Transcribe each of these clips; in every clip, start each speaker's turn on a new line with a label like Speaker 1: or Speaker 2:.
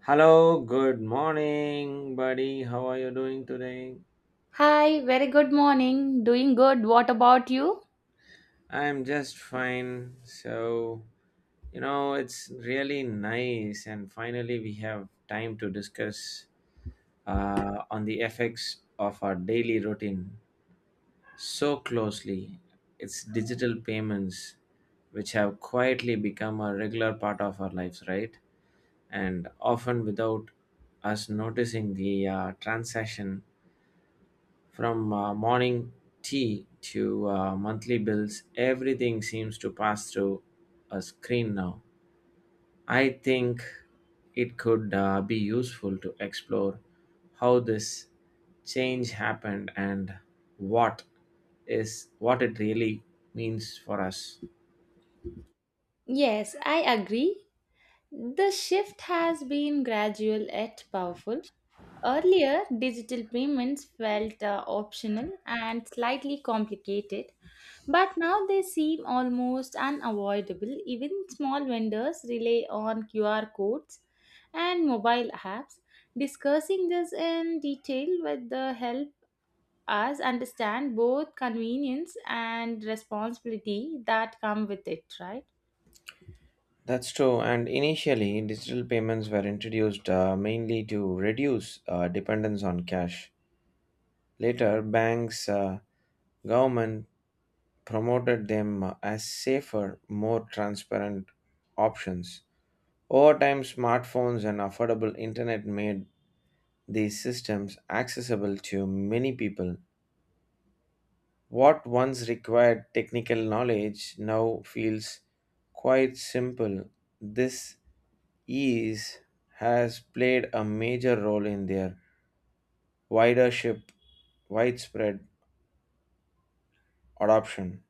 Speaker 1: Hello, good morning, buddy. How are you doing today?
Speaker 2: Hi, very good morning. Doing good. What about you?
Speaker 1: I'm just fine. So, it's really nice, and finally, we have time to discuss on the effects of our daily routine so closely. It's digital payments, which have quietly become a regular part of our lives, right? And often without us noticing the transaction from morning tea to monthly bills, everything seems to pass through a screen now. I think it could be useful to explore how this change happened and what what it really means for us.
Speaker 2: Yes, I agree. The shift has been gradual yet powerful. Earlier, digital payments felt optional and slightly complicated, but now they seem almost unavoidable. Even small vendors rely on QR codes and mobile apps. Discussing this in detail with the help us understand both convenience and responsibility that come with it, right?
Speaker 1: That's true. And initially, digital payments were introduced mainly to reduce dependence on cash. Later, banks, government promoted them as safer, more transparent options. Over time, smartphones and affordable internet made these systems accessible to many people. What once required technical knowledge now feels quite simple. This ease has played a major role in their widership, widespread adoption.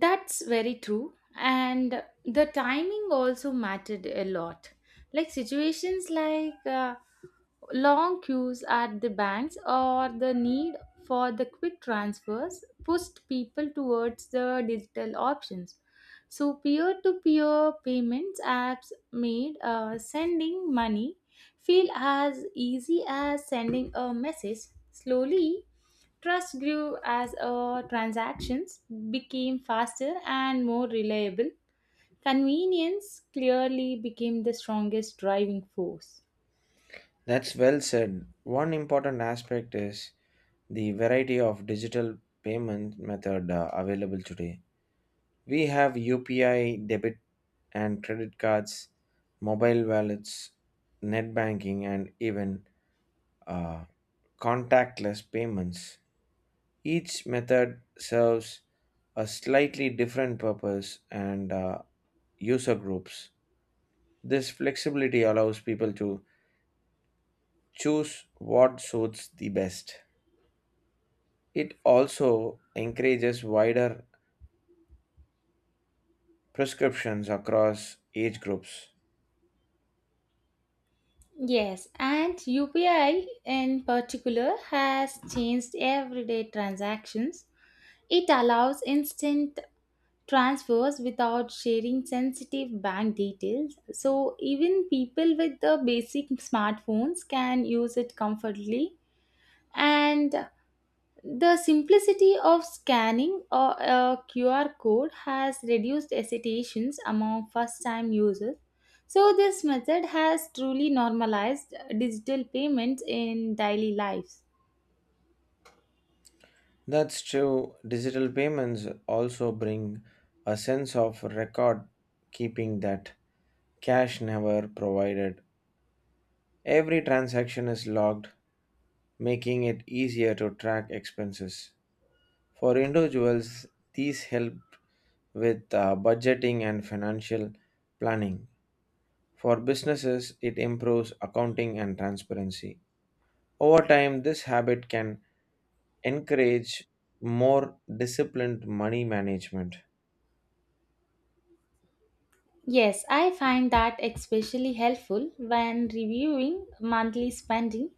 Speaker 2: That's very true. And the timing also mattered a lot. Like situations like long queues at the banks or the need for the quick transfers pushed people towards the digital options. So, peer to peer payments apps made sending money feel as easy as sending a message. Slowly, trust grew as transactions became faster and more reliable. Convenience clearly became the strongest driving force.
Speaker 1: That's well said. One important aspect is the variety of digital payment method available today. We have UPI, debit and credit cards, mobile wallets, net banking, and even uh, contactless payments. Each method serves a slightly different purpose and user groups. This flexibility allows people to choose what suits the best. It also encourages wider prescriptions across age groups.
Speaker 2: Yes, and UPI in particular has changed everyday transactions. It allows instant transfers without sharing sensitive bank details. So, even people with the basic smartphones can use it comfortably. And the simplicity of scanning a QR code has reduced hesitations among first time users. So, this method has truly normalized digital payments in daily lives.
Speaker 1: That's true. Digital payments also bring a sense of record keeping that cash never provided. Every transaction is logged, making it easier to track expenses. For individuals, these help with budgeting and financial planning. For businesses, it improves accounting and transparency. Over time, this habit can encourage more disciplined money management.
Speaker 2: Yes, I find that especially helpful when reviewing monthly spending.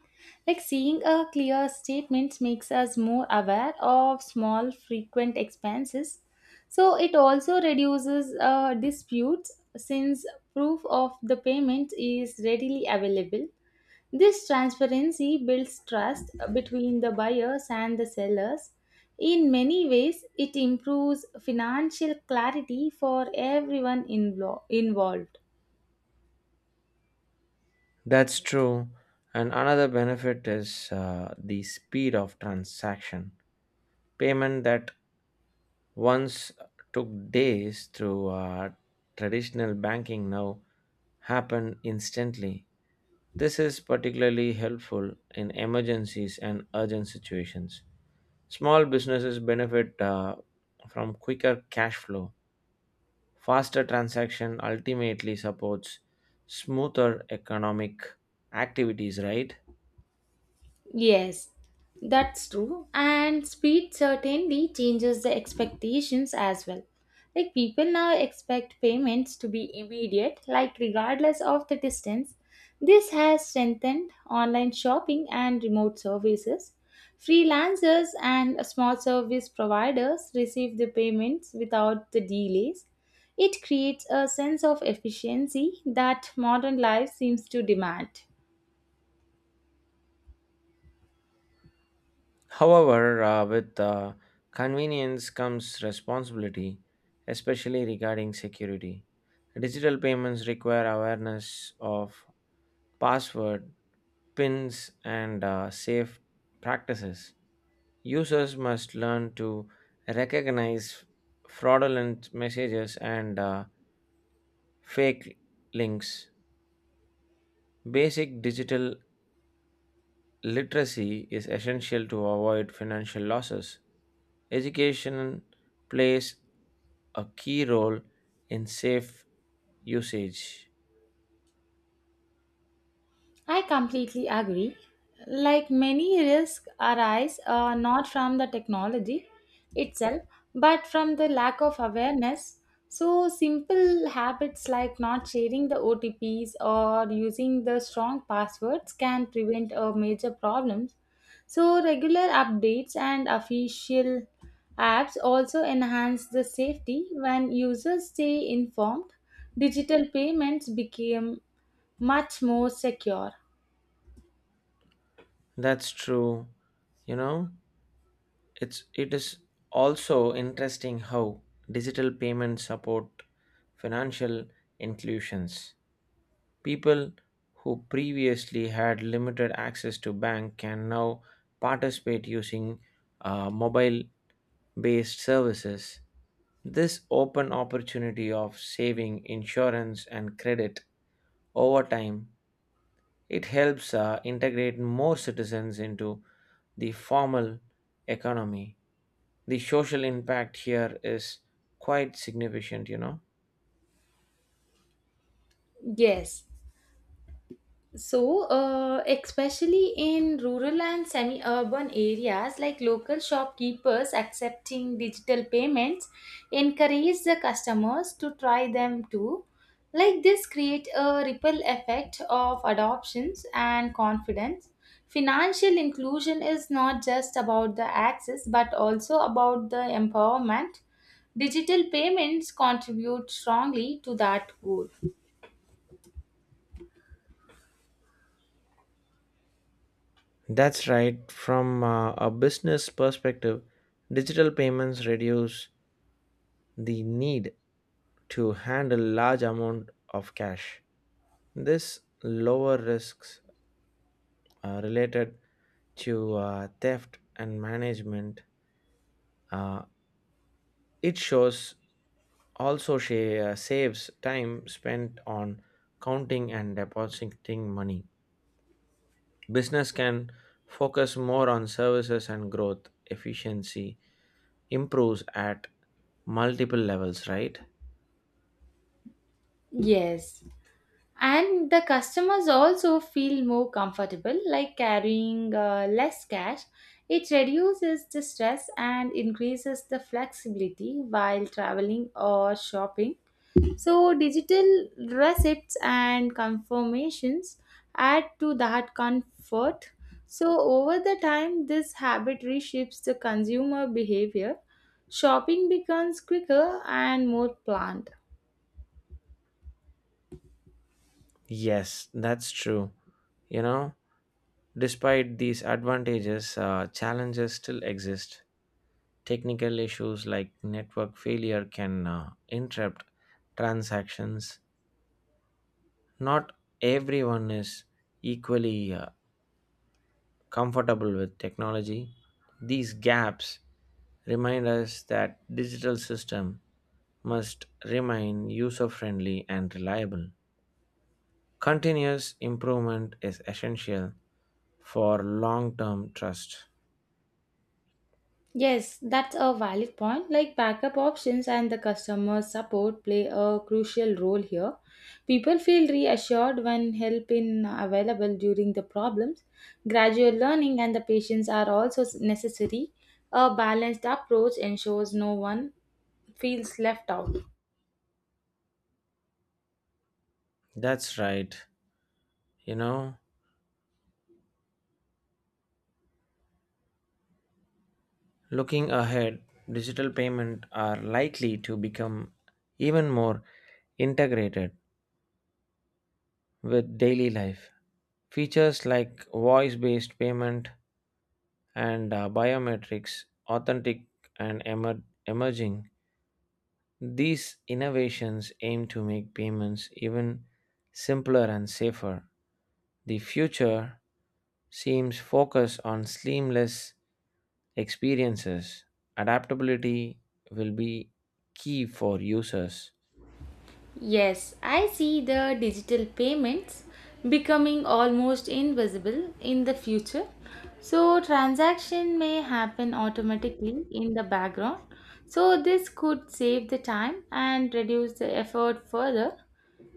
Speaker 2: Like seeing a clear statement makes us more aware of small frequent expenses. So it also reduces disputes since proof of the payment is readily available. This transparency builds trust between the buyers and the sellers. In many ways, it improves financial clarity for everyone involved.
Speaker 1: That's true. And another benefit is the speed of transaction. Payment that once took days through traditional banking now happen instantly. This is particularly helpful in emergencies and urgent situations. Small businesses benefit from quicker cash flow. Faster transaction ultimately supports smoother economic activities, right?
Speaker 2: Yes, that's true. And speed certainly changes the expectations as well. Like people now expect payments to be immediate, like regardless of the distance. This has strengthened online shopping and remote services. Freelancers and small service providers receive the payments without the delays. It creates a sense of efficiency that modern life seems to demand.
Speaker 1: However, with convenience comes responsibility, especially regarding security. Digital payments require awareness of password, pins, and safe practices. Users must learn to recognize fraudulent messages and fake links. Basic digital literacy is essential to avoid financial losses. Education plays a key role in safe usage.
Speaker 2: I completely agree. Like many risks arise not from the technology itself, but from the lack of awareness. So, simple habits like not sharing the OTPs or using the strong passwords can prevent major problems. So, regular updates and official apps also enhance the safety when users stay informed. Digital payments became much more secure.
Speaker 1: That's true. You know, it is also interesting how digital payments support financial inclusions. People who previously had limited access to bank can now participate using mobile based services. This open opportunity of saving insurance and credit over time, it helps integrate more citizens into the formal economy. The social impact here is quite significant, you know.
Speaker 2: Yes. So, especially in rural and semi urban areas, like local shopkeepers accepting digital payments encourage the customers to try them too. Like this, create a ripple effect of adoptions and confidence. Financial inclusion is not just about the access but also about the empowerment. Digital payments contribute strongly to that goal.
Speaker 1: That's right. From a business perspective, digital payments reduce the need to handle large amount of cash. This lower risks related to theft and management. Uh, it shows also she saves time spent on counting and depositing money. Business can focus more on services and growth. Efficiency improves at multiple levels, right?
Speaker 2: Yes. And the customers also feel more comfortable, like carrying less cash. It reduces the stress and increases the flexibility while traveling or shopping. So digital receipts and confirmations add to that comfort. So over the time, this habit reshapes the consumer behavior. Shopping becomes quicker and more planned.
Speaker 1: Yes, that's true. You know, despite these advantages, challenges still exist. Technical issues like network failure can interrupt transactions. Not everyone is equally comfortable with technology. These gaps remind us that digital system must remain user friendly and reliable. Continuous improvement is essential for long term trust.
Speaker 2: Yes, that's a valid point. Like backup options and the customer support play a crucial role here. People feel reassured when help is available during the problems. Gradual learning and the patience are also necessary. A balanced approach ensures no one feels left out.
Speaker 1: That's right. You know, looking ahead, digital payments are likely to become even more integrated with daily life. Features like voice based payment and biometrics, authentic and emerging, these innovations aim to make payments even simpler and safer. The future seems focused on seamless experiences, adaptability will be key for users.
Speaker 2: Yes, I see the digital payments becoming almost invisible in the future. So transaction may happen automatically in the background. So this could save the time and reduce the effort further.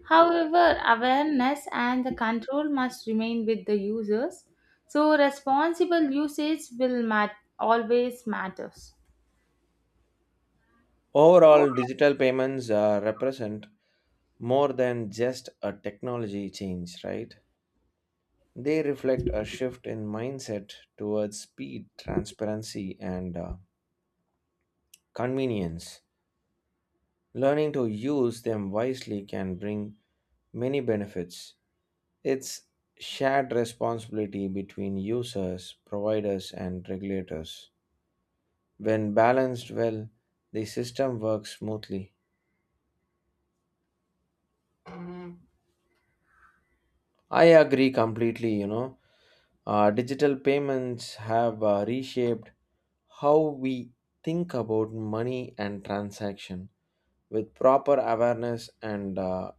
Speaker 2: However, awareness and the control must remain with the users. So responsible usage will always matters.
Speaker 1: Overall, digital payments represent more than just a technology change, right? They reflect a shift in mindset towards speed, transparency, and convenience. Learning to use them wisely can bring many benefits. It's shared responsibility between users, providers, and regulators. When balanced well, the system works smoothly. I agree completely, you know. Digital payments have reshaped how we think about money and transaction. With proper awareness and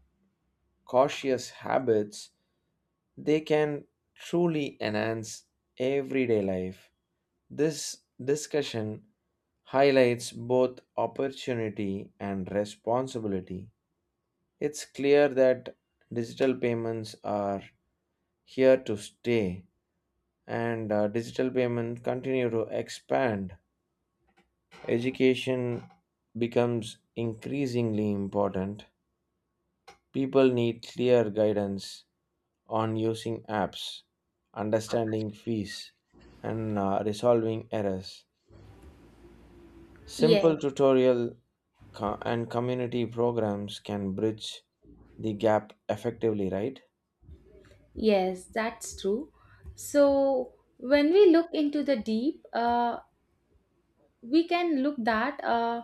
Speaker 1: cautious habits, they can truly enhance everyday life. This discussion highlights both opportunity and responsibility. It's clear that digital payments are here to stay and digital payments continue to expand. Education becomes increasingly important. People need clear guidance on using apps, understanding fees, and resolving errors.
Speaker 2: Yes.
Speaker 1: Simple tutorial and community programs can bridge the gap effectively, right?
Speaker 2: Yes, that's true. So when we look into the deep, we can look that uh,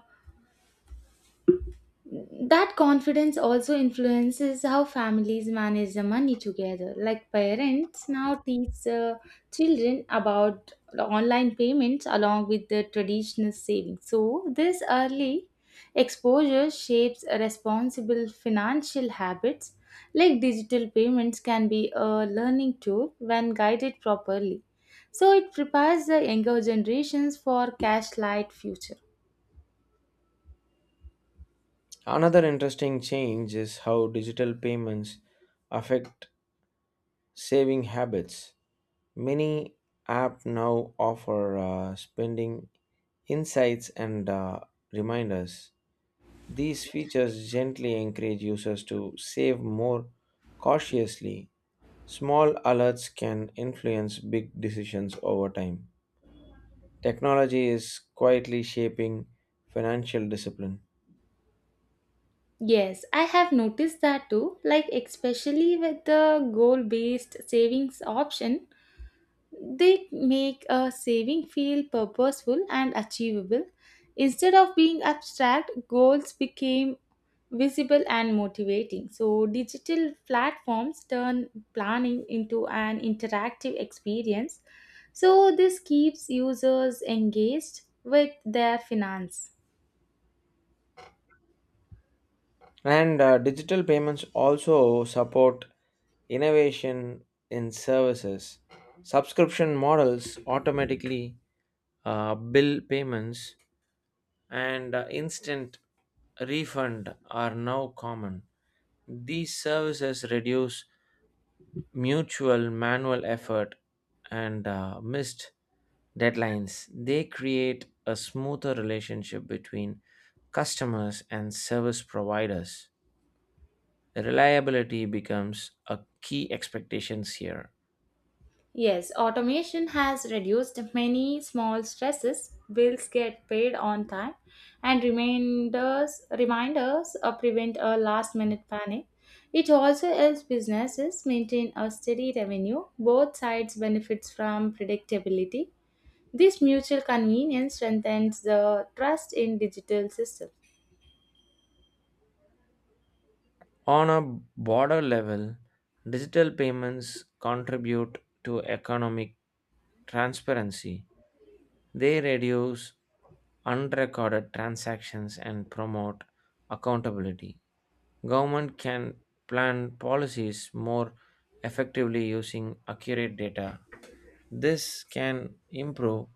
Speaker 2: that confidence also influences how families manage the money together. Like parents now teach children about online payments along with the traditional savings. So, this early exposure shapes responsible financial habits. Like digital payments can be a learning tool when guided properly. So, it prepares the younger generations for cash light future.
Speaker 1: Another interesting change is how digital payments affect saving habits. Many apps now offer spending insights and reminders. These features gently encourage users to save more cautiously. Small alerts can influence big decisions over time. Technology is quietly shaping financial discipline.
Speaker 2: Yes, I have noticed that too. Like, especially with the goal based savings option, they make a saving feel purposeful and achievable. Instead of being abstract, goals became visible and motivating. So, digital platforms turn planning into an interactive experience. So, this keeps users engaged with their finance.
Speaker 1: And digital payments also support innovation in services. Subscription models automatically bill payments and instant refund are now common. These services reduce mutual manual effort and missed deadlines. They create a smoother relationship between customers and service providers. Reliability becomes a key expectation here.
Speaker 2: Yes, automation has reduced many small stresses. Bills get paid on time, and reminders prevent a last-minute panic. It also helps businesses maintain a steady revenue. Both sides benefits from predictability. This mutual convenience strengthens the trust in digital systems.
Speaker 1: On a broader level, digital payments contribute to economic transparency. They reduce unrecorded transactions and promote accountability. Government can plan policies more effectively using accurate data. This can improve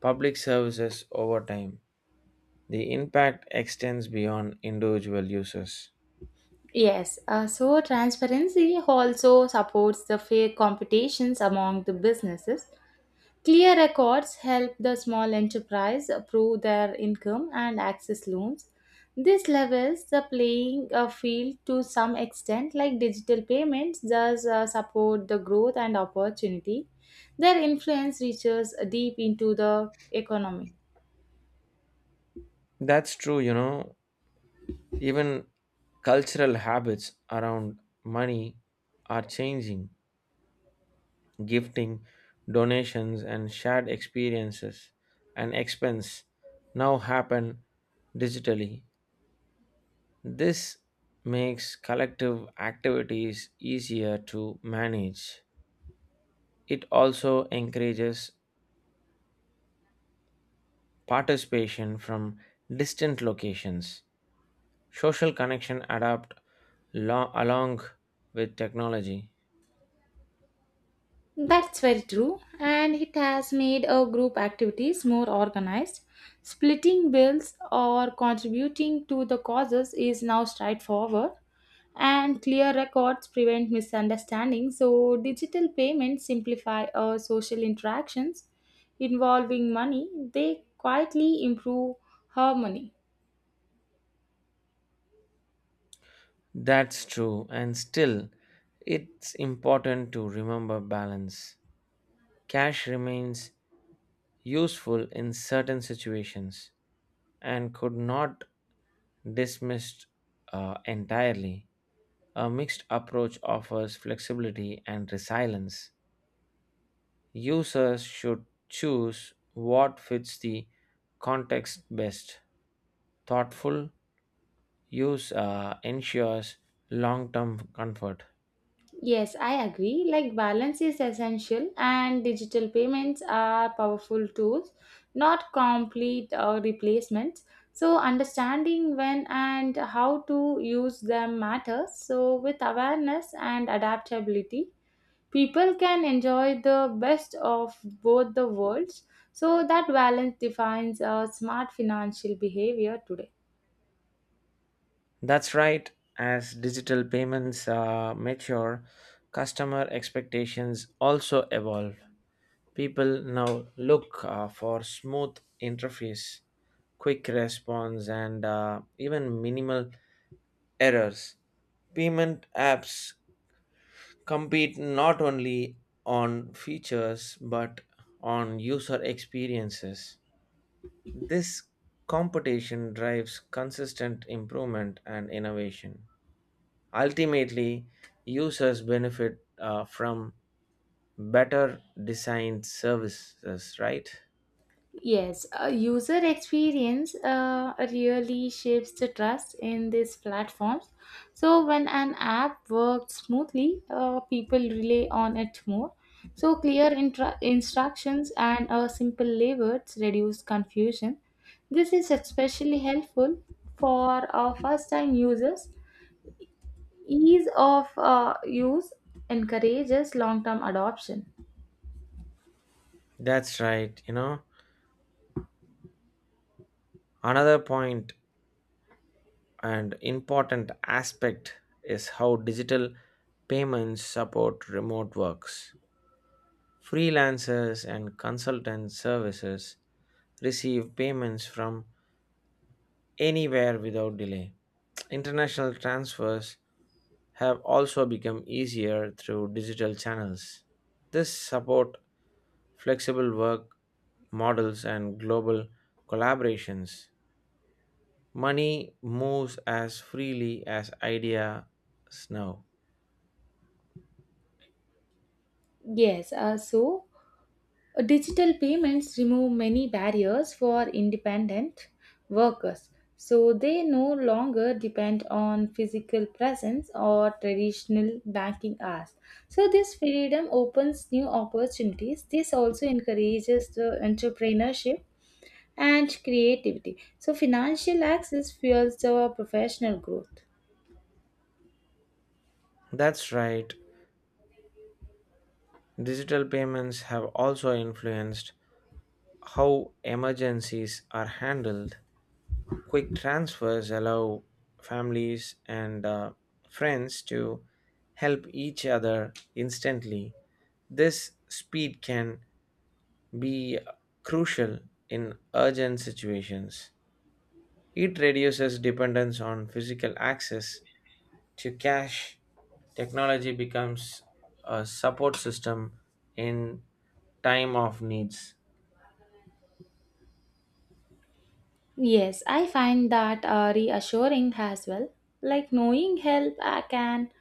Speaker 1: public services over time. The impact extends beyond individual users.
Speaker 2: Yes, so transparency also supports the fair competitions among the businesses. Clear records help the small enterprise prove their income and access loans. This levels the playing field to some extent, like digital payments, does support the growth and opportunity. Their influence reaches deep into the economy.
Speaker 1: That's true, you know, even cultural habits around money are changing. Gifting, donations, and shared experiences and expense now happen digitally. This makes collective activities easier to manage. It also encourages participation from distant locations. Social connection adapt along with technology.
Speaker 2: That's very true, and it has made our group activities more organized. Splitting bills or contributing to the causes is now straightforward, and clear records prevent misunderstanding. So, digital payments simplify our social interactions involving money, they quietly improve harmony.
Speaker 1: That's true, and still, it's important to remember balance. Cash remains useful in certain situations and could not dismissed entirely. A mixed approach offers flexibility and resilience. Users should choose what fits the context best. Thoughtful use ensures long term comfort.
Speaker 2: Yes, I agree. Like balance is essential, and digital payments are powerful tools, not complete replacements. So, understanding when and how to use them matters. So, with awareness and adaptability, people can enjoy the best of both the worlds. So, that balance defines smart financial behavior today.
Speaker 1: That's right, as digital payments mature, customer expectations also evolve. People now look for smooth interface, quick response, and even minimal errors. Payment apps compete not only on features but on user experiences. This competition drives consistent improvement and innovation. Ultimately, users benefit from better designed services, right?
Speaker 2: Yes, user experience really shapes the trust in these platforms. So when an app works smoothly, people rely on it more. So clear instructions and simple labels reduce confusion. This is especially helpful for first-time users. Ease of use encourages long-term adoption.
Speaker 1: That's right. You know, another point and important aspect is how digital payments support remote works. Freelancers and consultant services receive payments from anywhere without delay. International transfers have also become easier through digital channels. This support flexible work models and global collaborations. Money moves as freely as ideas now.
Speaker 2: Yes, so digital payments remove many barriers for independent workers, so they no longer depend on physical presence or traditional banking hours. So, this freedom opens new opportunities. This also encourages the entrepreneurship and creativity. So, financial access fuels the professional growth.
Speaker 1: That's right. Digital payments have also influenced how emergencies are handled. Quick transfers allow families and friends to help each other instantly. This speed can be crucial in urgent situations. It reduces dependence on physical access to cash. Technology becomes a support system in time of needs.
Speaker 2: Yes, I find that reassuring as well. Like knowing help can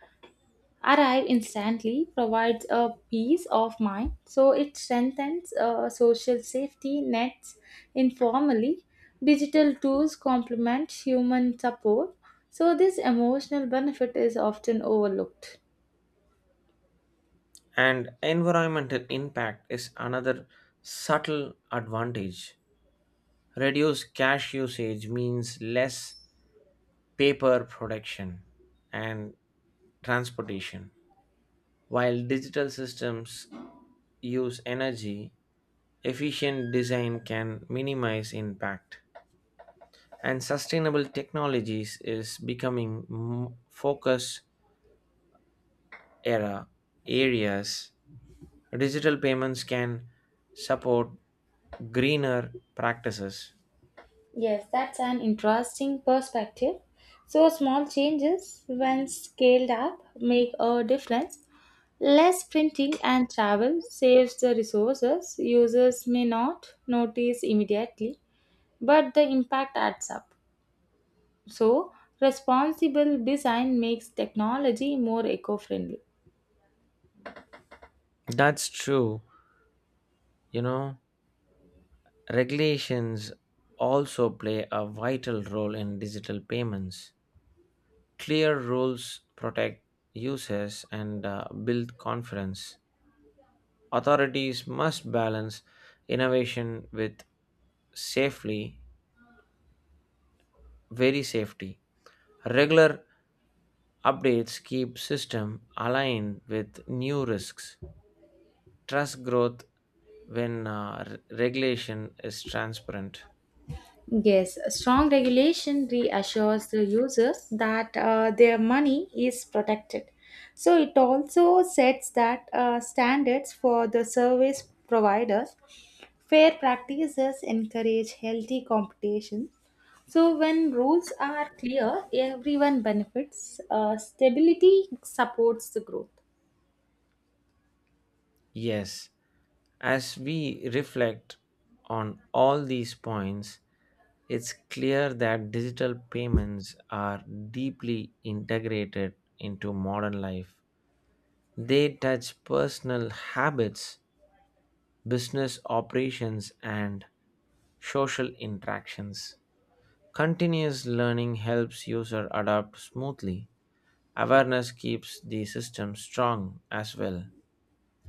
Speaker 2: arrive instantly provides a peace of mind. So it strengthens social safety nets informally. Digital tools complement human support. So this emotional benefit is often overlooked.
Speaker 1: And environmental impact is another subtle advantage. Reduced cash usage means less paper production and transportation, while digital systems use energy. Efficient design can minimize impact, and sustainable technologies is becoming focus era areas. Digital payments can support greener practices.
Speaker 2: Yes, that's an interesting perspective. So small changes, when scaled up, make a difference. Less printing and travel saves the resources. Users may not notice immediately, but the impact adds up. So, responsible design makes technology more eco friendly.
Speaker 1: That's true, you know, regulations also play a vital role in digital payments. Clear rules protect users and build confidence. Authorities must balance innovation with safely, very safety. Regular updates keep system aligned with new risks. Trust growth when regulation is transparent.
Speaker 2: Yes, strong regulation reassures the users that their money is protected. So, it also sets that standards for the service providers. Fair practices encourage healthy competition. So, when rules are clear, everyone benefits. Stability supports the growth.
Speaker 1: Yes, as we reflect on all these points, it's clear that digital payments are deeply integrated into modern life. They touch personal habits, business operations, and social interactions. Continuous learning helps user adapt smoothly. Awareness keeps the system strong as well.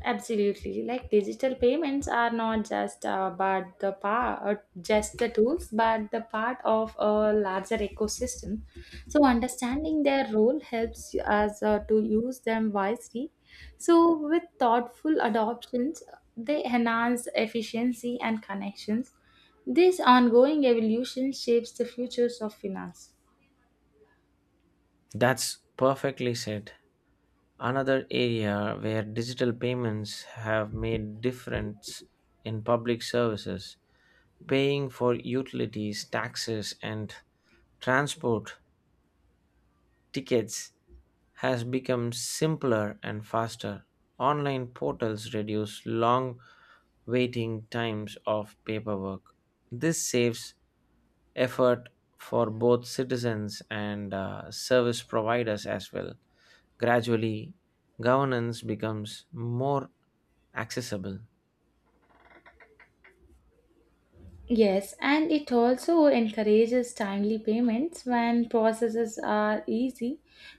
Speaker 2: Absolutely. Like digital payments are not just the tools but the part of a larger ecosystem. So understanding their role helps us to use them wisely. So with thoughtful adoptions, they enhance efficiency and connections. This ongoing evolution shapes the futures of finance.
Speaker 1: That's perfectly said. Another area where digital payments have made difference in public services, paying for utilities, taxes and transport tickets has become simpler and faster. Online portals reduce long waiting times of paperwork. This saves effort for both citizens and service providers as well. Gradually, governance becomes more accessible,
Speaker 2: Yes, and it also encourages timely payments when processes are easy.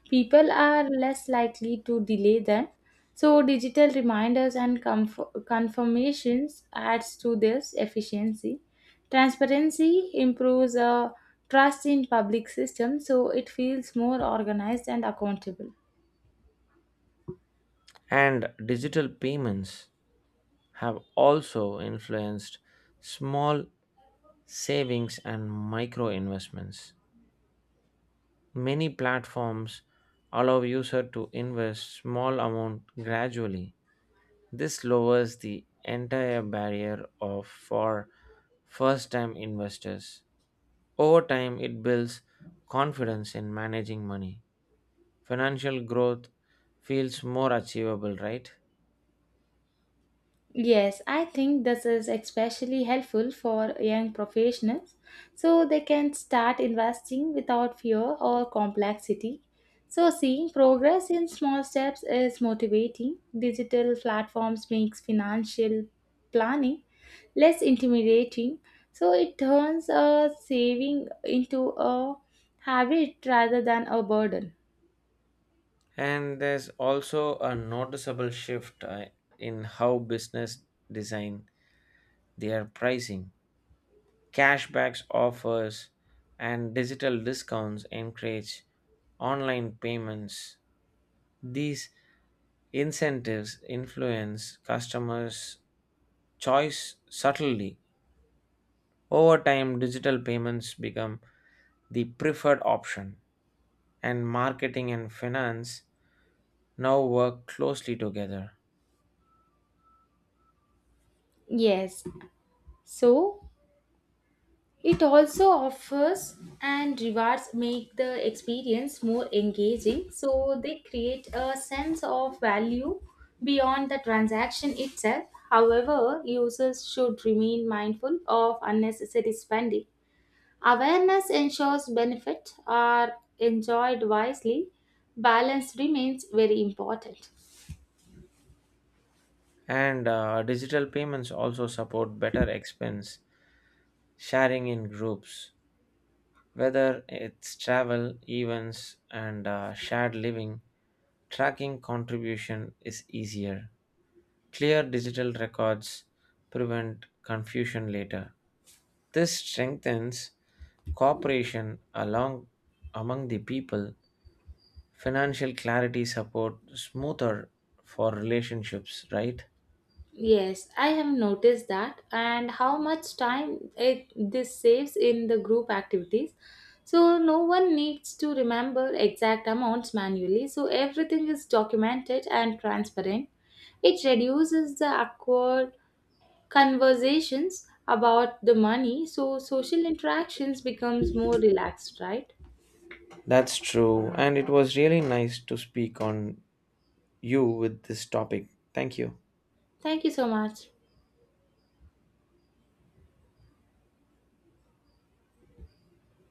Speaker 2: People are less likely to delay them. So digital reminders and confirmations adds to this efficiency. Transparency improves trust in public system, so it feels more organized and accountable.
Speaker 1: and digital payments have also influenced small savings and micro investments. Many platforms allow user to invest small amount gradually. This lowers the entire barrier of for first time investors. Over time, it builds confidence in managing money. Financial growth feels more achievable, right?
Speaker 2: Yes, I think this is especially helpful for young professionals, so they can start investing without fear or complexity. So seeing progress in small steps is motivating. Digital platforms makes financial planning less intimidating. So it turns a saving into a habit rather than a burden.
Speaker 1: And there's also a noticeable shift in how business design their pricing. Cashbacks offers and digital discounts encourage online payments. These incentives influence customers' choice subtly. Over time, digital payments become the preferred option, and marketing and finance now work closely together.
Speaker 2: Yes. So it also offers and rewards make the experience more engaging, so they create a sense of value beyond the transaction itself. However, users should remain mindful of unnecessary spending. Awareness ensures benefits are enjoyed wisely. Balance remains very important.
Speaker 1: And digital payments also support better expense sharing in groups, whether it's travel, events, and shared living. Tracking contribution is easier. Clear digital records prevent confusion later. This strengthens cooperation along among the people. Financial clarity support smoother for relationships, right?
Speaker 2: Yes, I have noticed that, and how much time it this saves in the group activities. So no one needs to remember exact amounts manually. So everything is documented and transparent. It reduces the awkward conversations about the money, so social interactions becomes more relaxed, right?
Speaker 1: That's true, and it was really nice to speak on you with this topic. Thank you.
Speaker 2: Thank you so much.